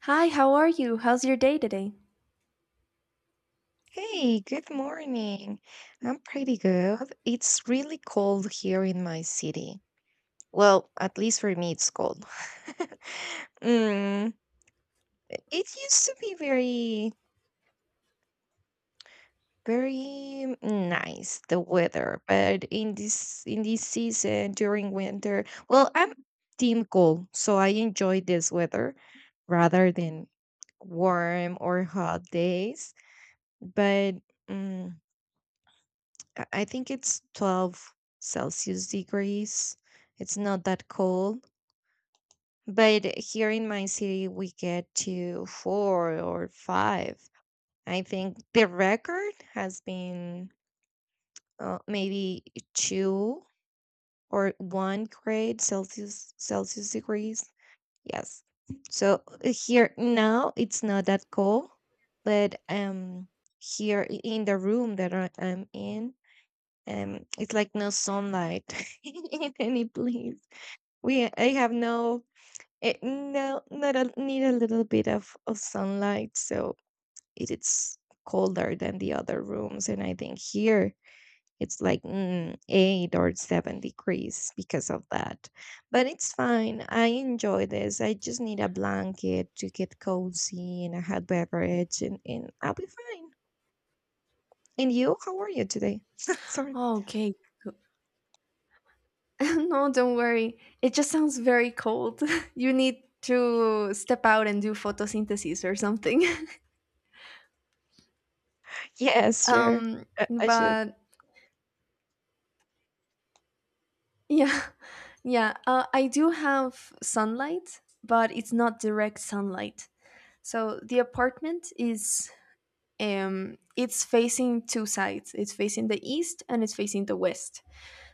Hi, how are you? How's your day today? Hey, good morning. I'm pretty good. It's really cold here in my city. Well, at least for me, it's cold. Mm, it used to be very, very nice, the weather, but in this season during winter, well, I'm team cold, so I enjoy this weather rather than warm or hot days. But mm, I think it's 12 Celsius degrees. It's not that cold. But here in my city, we get to four or five. I think the record has been maybe 2 or 1 grade Celsius degrees. Yes. So here now it's not that cold, but here in the room that I'm in. It's like no sunlight in any place. We I have no no, not a, need a little bit of sunlight, so it is colder than the other rooms, and I think here it's like 8 or 7 degrees because of that. But it's fine. I enjoy this. I just need a blanket to get cozy and a hot beverage, and I'll be fine. And you, how are you today? Sorry. Oh, okay. No, don't worry. It just sounds very cold. You need to step out and do photosynthesis or something. Yes, sure. Um, I should. but yeah, yeah. I do have sunlight, but it's not direct sunlight. So the apartment is it's facing two sides. It's facing the east and it's facing the west.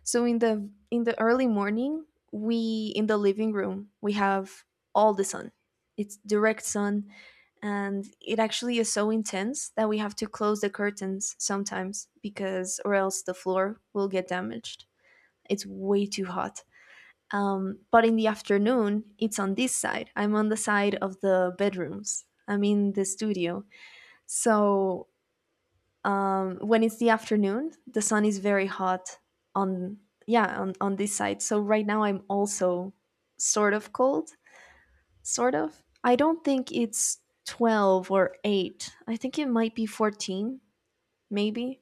So in the early morning, we in the living room we have all the sun. It's direct sun, and it actually is so intense that we have to close the curtains sometimes or else the floor will get damaged. It's way too hot. But in the afternoon, it's on this side. I'm on the side of the bedrooms. I'm in the studio, so when it's the afternoon, the sun is very hot on, yeah, on this side. So right now I'm also sort of cold, sort of. I don't think it's 12 or 8. I think it might be 14, maybe.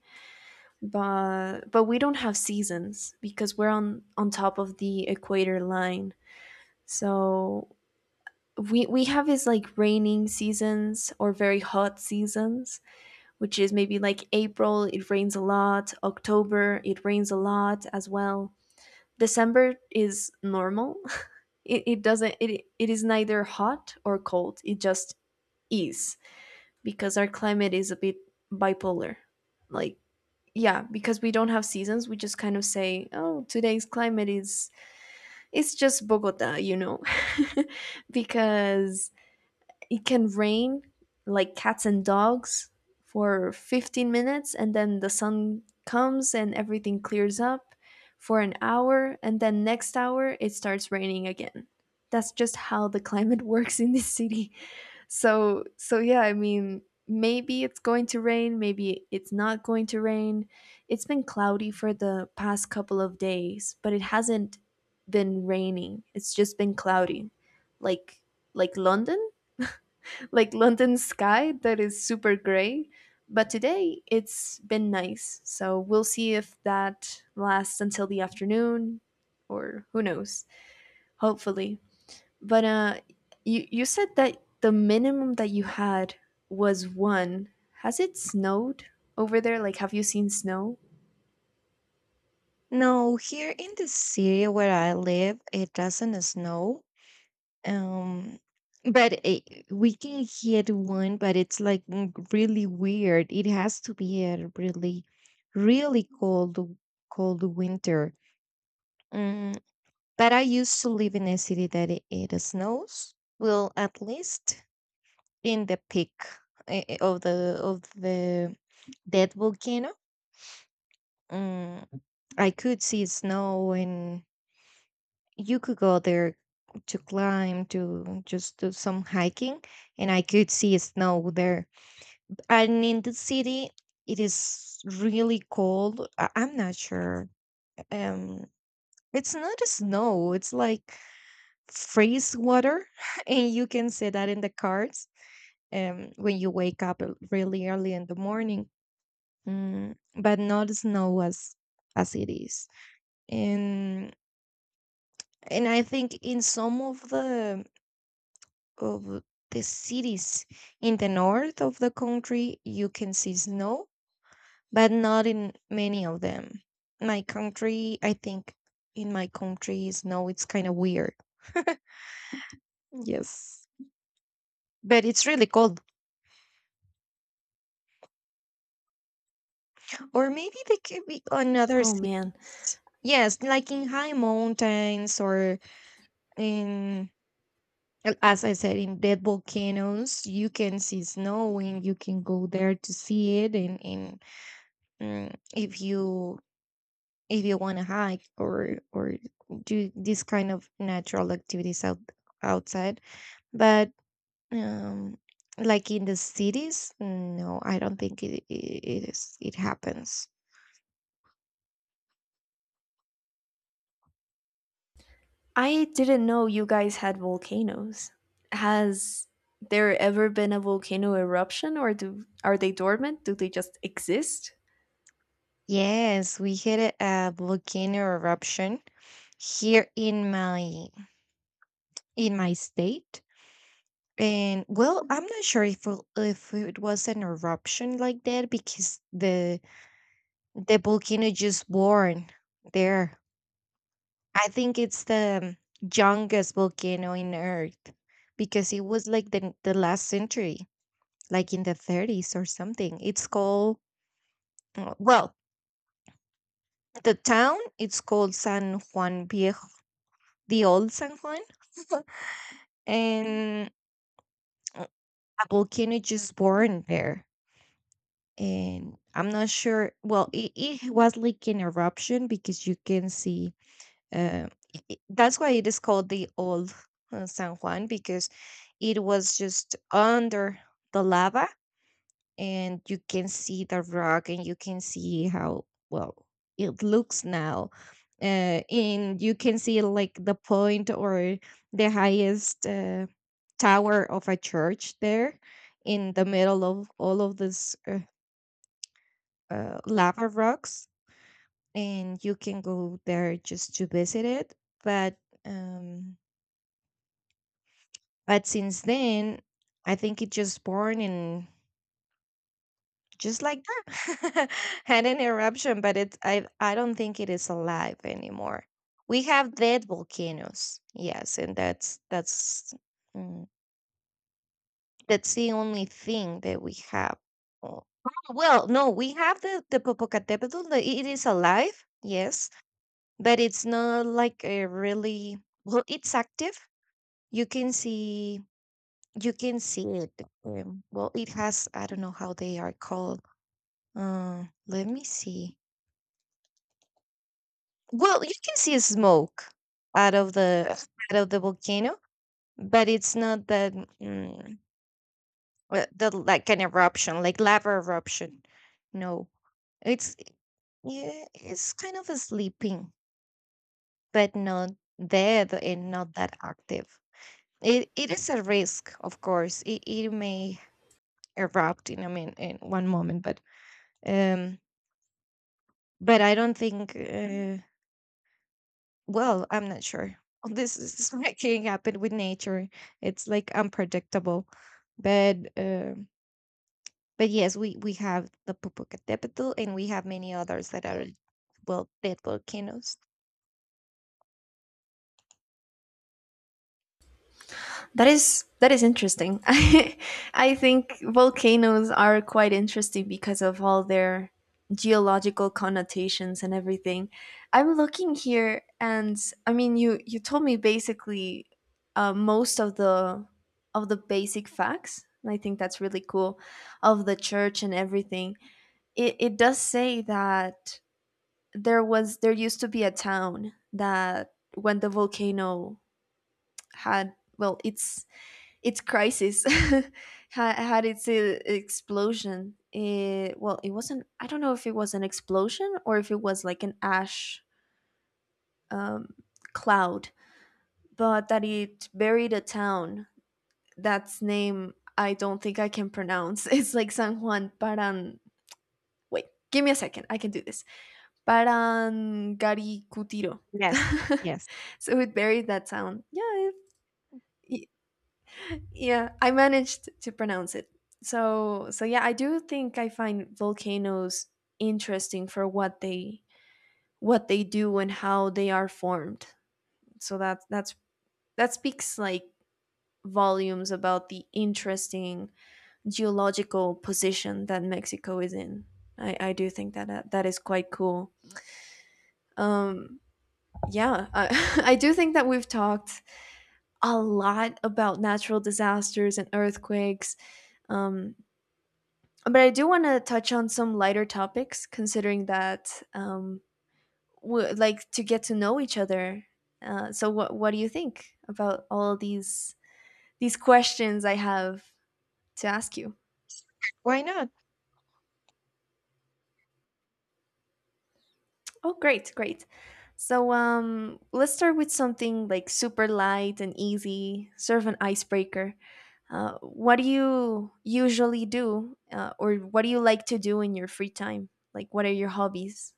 But we don't have seasons because we're on top of the equator line. So we have is like raining seasons or very hot seasons, which is maybe like April, it rains a lot, October, it rains a lot as well. December is normal. It doesn't, it is neither hot or cold. It just is, because our climate is a bit bipolar. Like, yeah, because we don't have seasons, we just kind of say, "Oh, today's climate is it's just Bogota." Because it can rain like cats and dogs for 15 minutes, and then the sun comes and everything clears up for an hour, and then next hour it starts raining again. That's just how the climate works in this city. So yeah, I mean, maybe it's going to rain, maybe it's not going to rain. It's been cloudy for the past couple of days, but it hasn't been raining, it's just been cloudy. Like, like london like London sky that is super gray. But today it's been nice, so we'll see if that lasts until the afternoon, or who knows. Hopefully, but you said that the minimum that you had was one. Has it snowed over there? Like, have you seen snow? No, here in the city where I live, it doesn't snow. Um, but we can hit one, but it's like really weird. It has to be a really, really cold, cold winter. Mm, but I used to live in a city that it snows. Well, at least in the peak of the dead volcano, mm, I could see snow, and you could go there to climb, to just do some hiking, and I could see snow there. And in the city, it is really cold. I'm not sure. um it's not snow, it's like freeze water. And you can see that in the cars when you wake up really early in the morning. But not snow as it is. And and I think in some of the cities. In the north of the country, you can see snow, but not in many of them. My country, I think in my country, snow, it's kind of weird. Yes. But it's really cold. Or maybe they could be on other Oh cities. man, Yes, like in high mountains or in, as I said, in dead volcanoes, you can see snow, and you can go there to see it. And if you, if you want to hike or do this kind of natural activities outside. But um like in the cities, no, I don't think it is, it happens. I didn't know you guys had volcanoes. Has there ever been a volcano eruption, or do are they dormant? Do they just exist? Yes, we had a volcano eruption here in my state. And, well, I'm not sure if it was an eruption like that, because the volcano just born there. I think it's the youngest volcano in Earth, because it was like the last century, like in the 30s or something. It's called, well, the town, it's called San Juan Viejo, the old San Juan. And uh, a volcano just born there. And I'm not sure, well, it was like an eruption because you can see. Uh, that's why it is called the old, San Juan, because it was just under the lava, and you can see the rock, and you can see how well it looks now. And you can see like the point, or the highest, tower of a church there, in the middle of all of this, lava rocks, and you can go there just to visit it. But um But since then, I think it just born and just like that had an eruption, but it's I don't think it is alive anymore. We have dead volcanoes, yes, and mm, that's the only thing that we have. Oh, well, no, we have the Popocatépetl. It is alive, yes, but it's not like a really, well, it's active. You can see it. Well, it has I don't know how they are called. Let me see. Well, you can see smoke out of the out of the volcano, but it's not that, mm, well, the, like an eruption, like lava eruption. No, it's yeah, it's kind of a sleeping, but not dead and not that active. It is a risk, of course. It may erupt in, I mean, in one moment, um but I don't think, well, I'm not sure. This is what can happen with nature. It's like unpredictable. But um but yes, we have the Popocatépetl, and we have many others that are, well, dead volcanoes. That is interesting. I think volcanoes are quite interesting because of all their geological connotations and everything. I'm looking here, and I mean, you told me basically, most of the basic facts. And I think that's really cool, of the church and everything. It does say that there used to be a town that, when the volcano had, well, it's its crisis had its explosion. Well, it wasn't. I don't know if it was an explosion or if it was like an ash, um, cloud, but that it buried a town. That's name I don't think I can pronounce. It's like San Juan Paran. Wait, give me a second. I can do this. Parangaricutiro. Yes, yes. So it buried that town. Yeah, it, yeah, I managed to pronounce it. So yeah, I do think I find volcanoes interesting for what they do and how they are formed. So that speaks like volumes about the interesting geological position that Mexico is in. I do think that that is quite cool. Um, yeah, I do think that we've talked a lot about natural disasters and earthquakes, um, but I do want to touch on some lighter topics, considering that we like to get to know each other. So, what do you think about all these questions I have to ask you? Why not? Oh, great, great. So, let's start with something like super light and easy, sort of an icebreaker. What do you usually do, or what do you like to do in your free time? Like, what are your hobbies?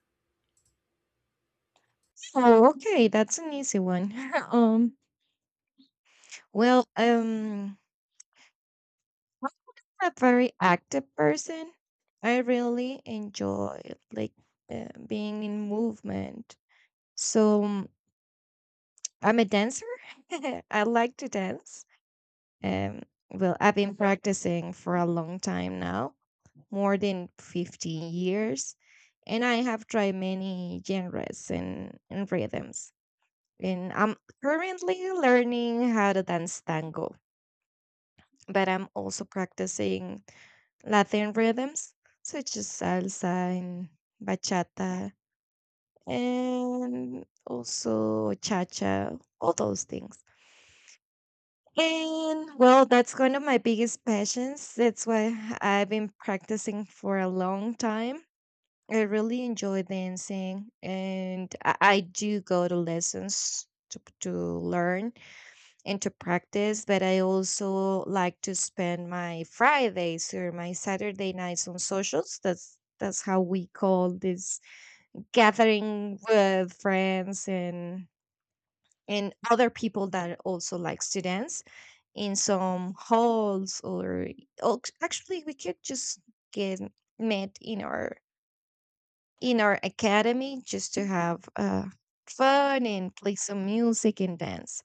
Oh, okay, that's an easy one. um, well, I'm a very active person. I really enjoy, like, being in movement. So, I'm a dancer. I like to dance. Um, well, I've been practicing for a long time now, more than 15 years. And I have tried many genres, and rhythms. And I'm currently learning how to dance tango, but I'm also practicing Latin rhythms such as salsa and bachata, and also cha cha, all those things. And, well, that's one of my biggest passions. That's why I've been practicing for a long time. I really enjoy dancing, and I do go to lessons to learn and to practice. But I also like to spend my Fridays or my Saturday nights on socials. That's how we call this, gathering with friends and other people that also likes to dance in some halls, or, oh, actually we could just get met in our academy just to have, fun and play some music and dance.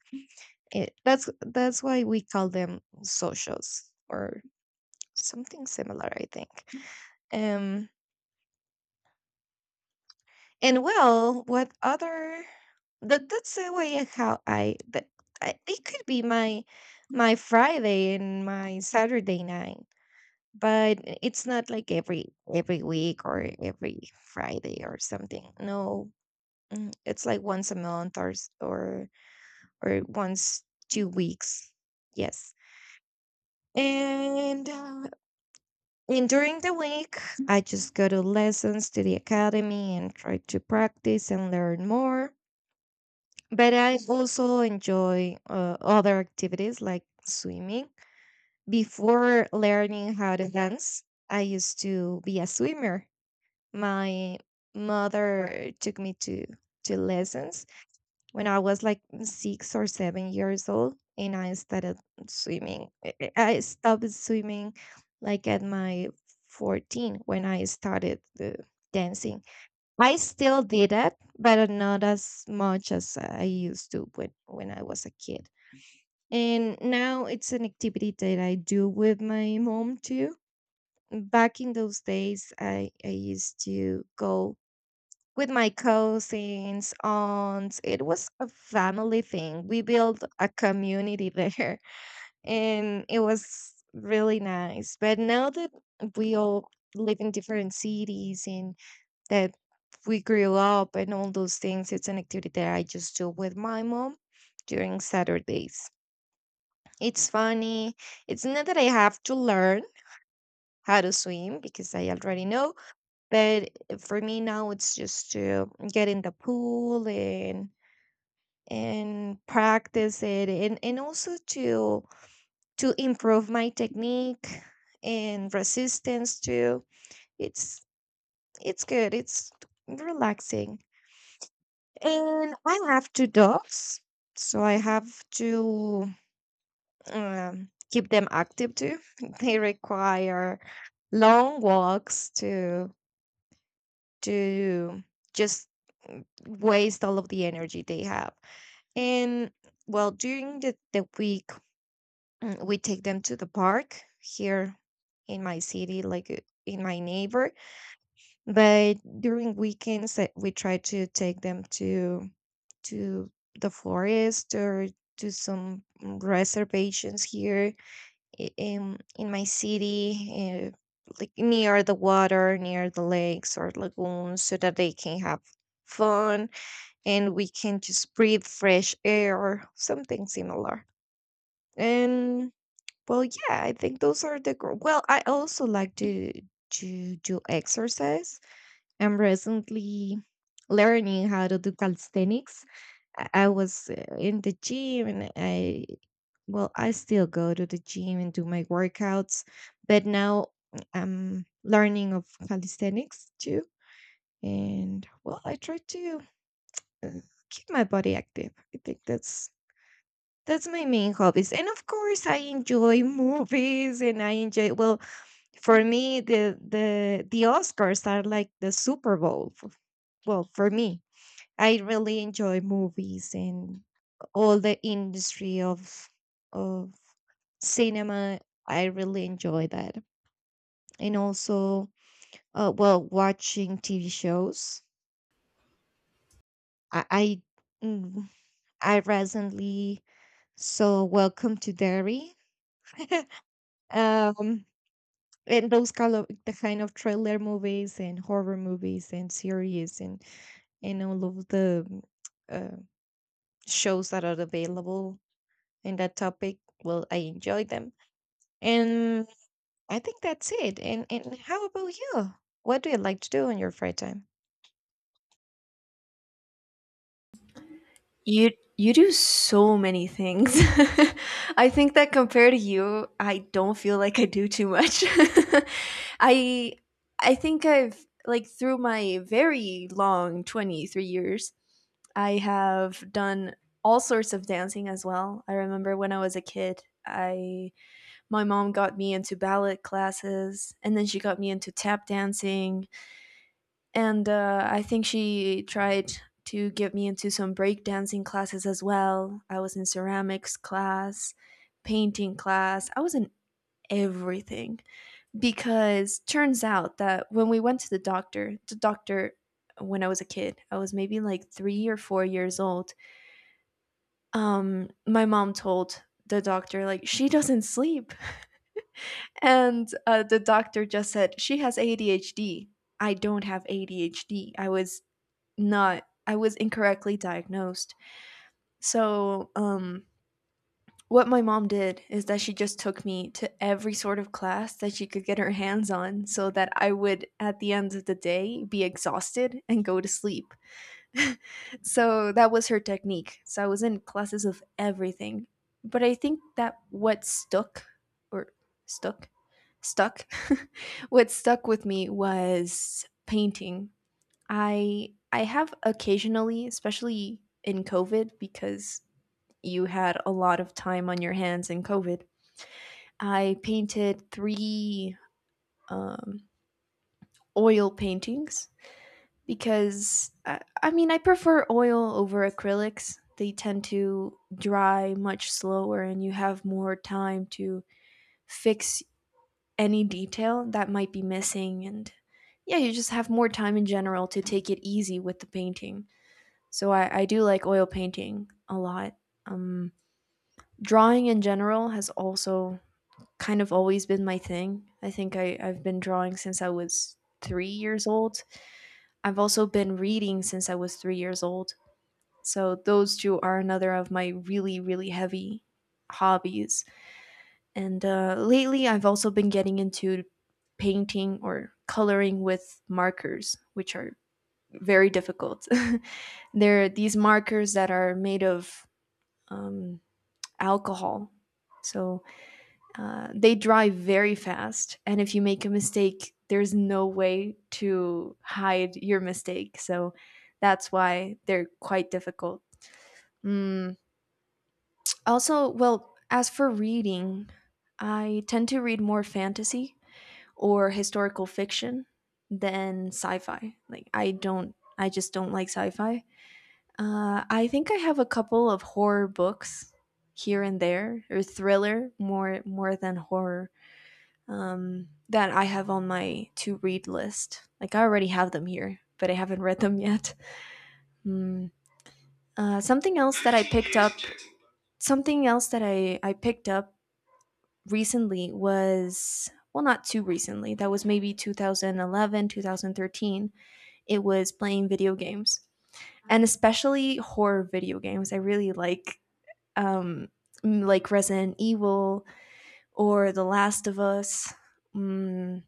That's why we call them socials or something similar, I think. um and, well, what other, that's the way, how I, that I, it could be my Friday and my Saturday night, but it's not like every week or every Friday or something, no. It's like once a month or s- or once 2 weeks, yes. And uh, and during the week, I just go to lessons to the academy and try to practice and learn more. But I also enjoy, other activities like swimming. Before learning how to dance, I used to be a swimmer. My mother took me to lessons when I was like 6 or 7 years old, and I started swimming. I stopped swimming like at my 14 when I started the dancing. I still did it, but not as much as I used to when I was a kid. And now it's an activity that I do with my mom too. Back in those days, I used to go with my cousins, aunts. It was a family thing. We built a community there, and it was really nice. But now that we all live in different cities, and that we grew up, and all those things, it's an activity that I just do with my mom during Saturdays. It's funny. It's not that I have to learn how to swim, because I already know, but, for me now it's just to get in the pool and practice it, and also to improve my technique and resistance too. It's it's good, it's relaxing. And I have two dogs, so I have to, keep them active too. They require long walks to just, waste all of the energy they have. And, well, during the week, we take them to the park here in my city, like, in my neighbor. But during weekends, we try to take them to the forest, or to some reservations here, in my city, like near the water, near the lakes or lagoons, so that they can have fun, and we can just breathe fresh air or something similar. And, well, yeah, I think those are the well. I also like to do exercise. I'm recently learning how to do calisthenics. I was, in the gym, and I well, I still go to the gym and do my workouts, but now I'm learning of calisthenics too. And, well, I try to, uh, keep my body active. I think that's my main hobbies, and of course, I enjoy movies, and I enjoy well for me, the Oscars are like the Super Bowl. Well, for me, I really enjoy movies and all the industry of cinema. I really enjoy that, and also, well, watching TV shows. I I, mm, I recently saw Welcome to Derry. um and those kind of the kind of thriller movies and horror movies and series, and all of the, uh, shows that are available in that topic. Well, I enjoy them, and I think that's it. And how about you? What do you like to do in your free time? You you do so many things. I think that compared to you, I don't feel like I do too much. I I think I've, like, through my very long 23 years, I have done all sorts of dancing as well. I remember when I was a kid, I my mom got me into ballet classes, and then she got me into tap dancing, and I think she tried to get me into some breakdancing classes as well. I was in ceramics class, painting class. I was in everything, because turns out that when we went to the doctor, when I was a kid, I was maybe like 3 or 4 years old. My mom told the doctor like she doesn't sleep, and the doctor just said she has ADHD. I don't have ADHD. I was not, I was incorrectly diagnosed. So, what my mom did is that she just took me to every sort of class that she could get her hands on, so that I would, at the end of the day, be exhausted and go to sleep. So that was her technique. So I was in classes of everything. But I think that what or stuck, stuck, what stuck with me was painting. I have occasionally, especially in COVID, because you had a lot of time on your hands in COVID. I painted 3 um oil paintings, because I mean, I prefer oil over acrylics. They tend to dry much slower, and you have more time to fix any detail that might be missing, and yeah, you just have more time in general to take it easy with the painting. So I do like oil painting a lot. Um, Drawing in general has also kind of always been my thing. I think I've been drawing since I was 3 years old. I've also been reading since I was 3 years old. So those two are another of my really, really heavy hobbies. And lately, I've also been getting into painting or coloring with markers, which are very difficult. They're these markers that are made of um, alcohol. So they drive very fast, and if you make a mistake, there's no way to hide your mistake. So that's why they're quite difficult. Mm. Also, well, as for reading, I tend to read more fantasy or historical fiction than sci-fi. Like, I don't, I just don't like sci-fi. I think I have a couple of horror books here and there, or thriller, more than horror, that I have on my to read list. Like, I already have them here, but I haven't read them yet. Mm. Something else that I picked up, something else that I picked up recently was, well, not too recently. That was maybe 2011, 2013. It was playing video games, and especially horror video games. I really like, um, like Resident Evil or The Last of Us, mm,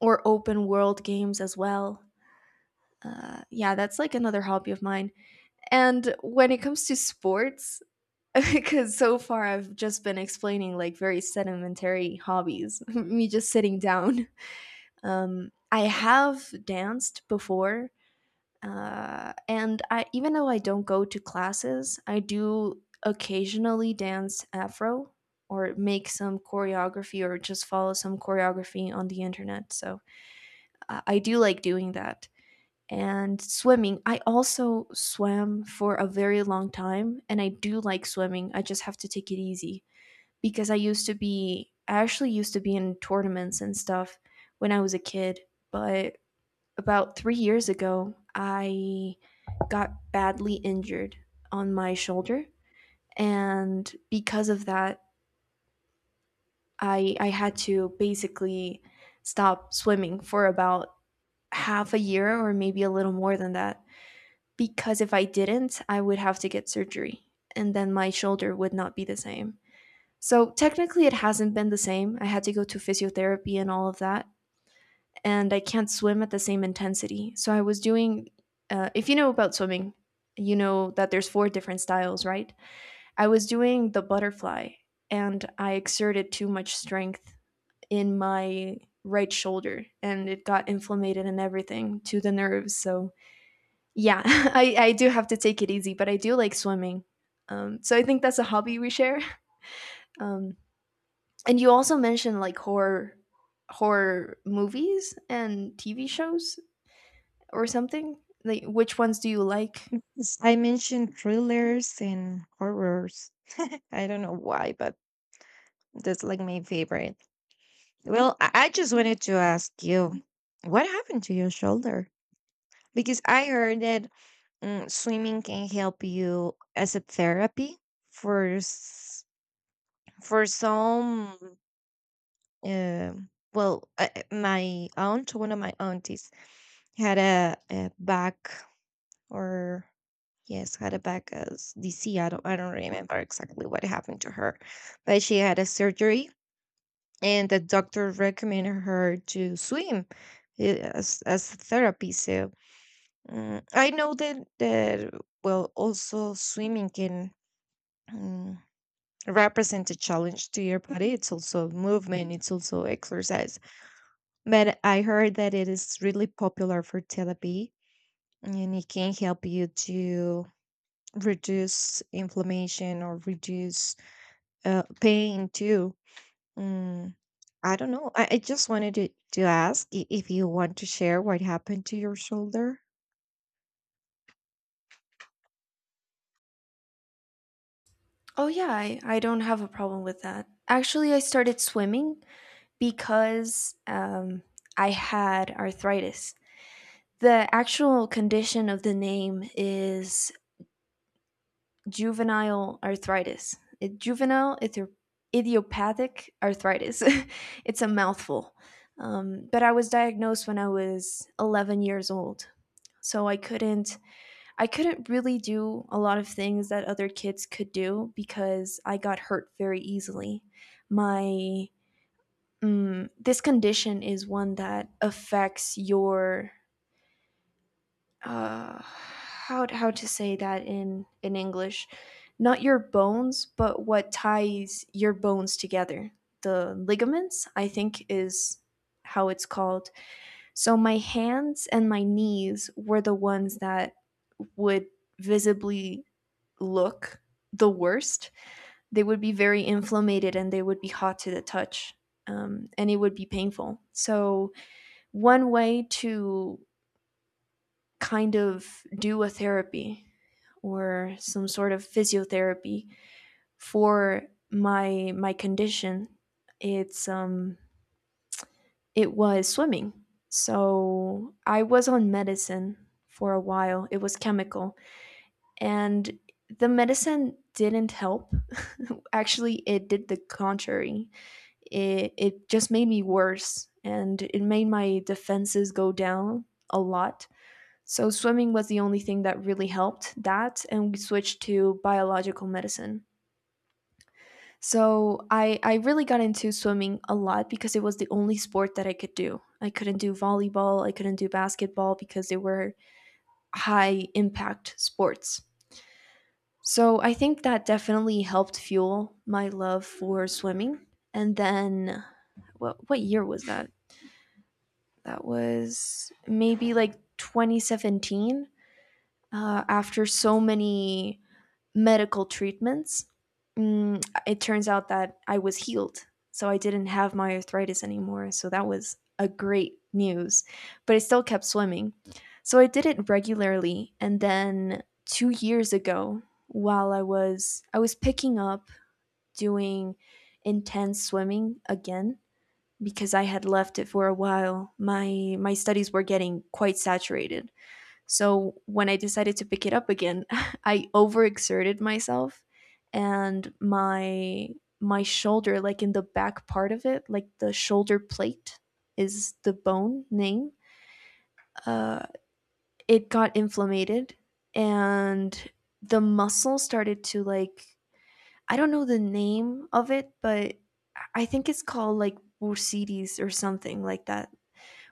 or open world games as well. Yeah, that's like another hobby of mine. And when it comes to sports, because so far I've just been explaining like very sedimentary hobbies, me just sitting down. I have danced before, and I, even though I don't go to classes, I do occasionally dance Afro or make some choreography or just follow some choreography on the internet. So I do like doing that. And swimming, I also swam for a very long time, and I do like swimming. I just have to take it easy, because I actually used to be in tournaments and stuff when I was a kid, but about 3 years ago, I got badly injured on my shoulder. And because of that, I had to basically stop swimming for about half a year or maybe a little more than that. Because if I didn't, I would have to get surgery, and then my shoulder would not be the same. So technically, it hasn't been the same. I had to go to physiotherapy and all of that, and I can't swim at the same intensity. So I was doing, if you know about swimming, you know that there's four different styles, right? I was doing the butterfly, and I exerted too much strength in my right shoulder, and it got inflamed and everything to the nerves. So yeah, I do have to take it easy, but I do like swimming. So I think that's a hobby we share. Um, and you also mentioned like horror movies and TV shows, or something? Like, which ones do you like? Yes, I mentioned thrillers and horrors. I don't know why, but that's like my favorite. Well, I just wanted to ask you, what happened to your shoulder? Because I heard that, swimming can help you as a therapy for, for some, uh, well, my aunt one of my aunties had a back, or, yes, had a back as DC. I don't remember exactly what happened to her, but she had a surgery, and the doctor recommended her to swim, as therapy, so, I know that well, also swimming can, mm, represent a challenge to your body. It's also movement, it's also exercise. But I heard that it is really popular for therapy, and it can help you to reduce inflammation or reduce, pain too. Mm, I don't know. I just wanted to ask, if you want to share what happened to your shoulder. Oh, yeah, I don't have a problem with that. Actually, I started swimming because I had arthritis. The actual condition of the name is juvenile arthritis. Idiopathic arthritis. It's a mouthful. But I was diagnosed when I was 11 years old. So I couldn't really do a lot of things that other kids could do because I got hurt very easily. My this condition is one that affects your how to say that in English, not your bones, but what ties your bones together. The ligaments, I think, is how it's called. So my hands and my knees were the ones that would visibly look the worst. They would be very inflamed and they would be hot to the touch. And it would be painful. So, one way to kind of do a therapy or some sort of physiotherapy for my condition, it's um it was swimming. So I was on medicine for a while. It was chemical, and the medicine didn't help. Actually, it did the contrary. It just made me worse and it made my defenses go down a lot. So, swimming was the only thing that really helped that, and we switched to biological medicine. So, I really got into swimming a lot because it was the only sport that I could do. I couldn't do volleyball, I couldn't do basketball because they were high impact sports. So I think that definitely helped fuel my love for swimming. And then what year was that? That was maybe like 2017. After so many medical treatments, mm, it turns out that I was healed. So I didn't have my arthritis anymore. So that was a great news. But I still kept swimming. So I did it regularly. And then 2 years ago, while I was picking up doing intense swimming again because I had left it for a while. My studies were getting quite saturated. So when I decided to pick it up again, I overexerted myself and my shoulder, like in the back part of it, like the shoulder plate is the bone name. Uh, it got inflamed and the muscle started to like, I don't know the name of it, but I think it's called like bursitis or something like that.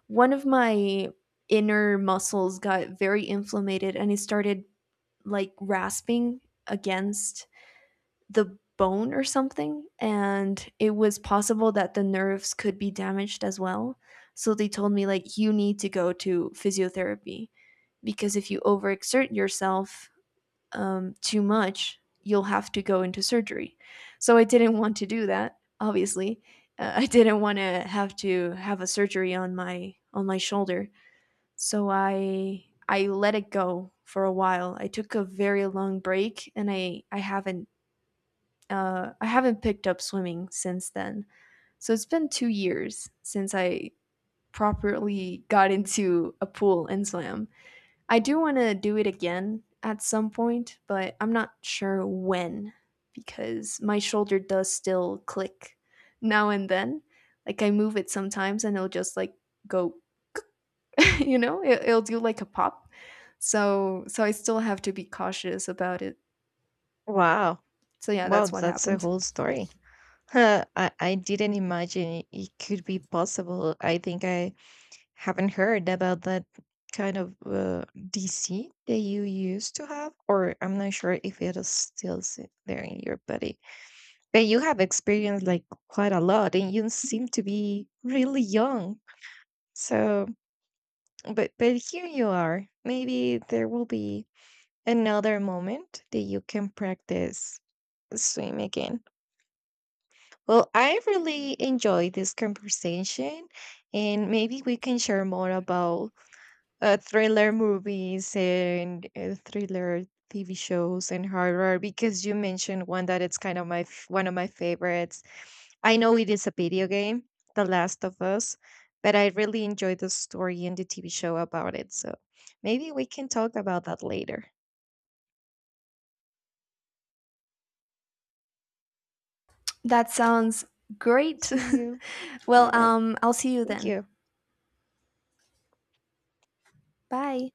One of my inner muscles got very inflamed and it started like rasping against the bone or something, and it was possible that the nerves could be damaged as well. So they told me, like, you need to go to physiotherapy because if you overexert yourself too much, you'll have to go into surgery. So I didn't want to do that, obviously. I didn't want to have a surgery on my shoulder. So I let it go for a while. I took a very long break and I haven't picked up swimming since then. So it's been 2 years since I properly got into a pool and swam. I do want to do it again at some point, but I'm not sure when, because my shoulder does still click now and then. Like I move it sometimes and it'll just like go you know, it'll do like a pop. So so I still have to be cautious about it. Wow. So yeah, Wow, that's what that's a happened. whole story. Huh, I didn't imagine it could be possible. I think I haven't heard about that kind of, DC that you used to have, or I'm not sure if it is still, there in your body. But you have experienced like quite a lot, and you seem to be really young. So, but here you are. Maybe there will be another moment that you can practice swim again. Well, I really enjoyed this conversation, and maybe we can share more about, thriller movies and, thriller TV shows and horror, because you mentioned one that it's kind of one of my favorites. I know it is a video game, The Last of Us, but I really enjoyed the story and the TV show about it. So maybe we can talk about that later. That sounds great. See you. Well, Bye bye. I'll see you Thank then. you. Bye.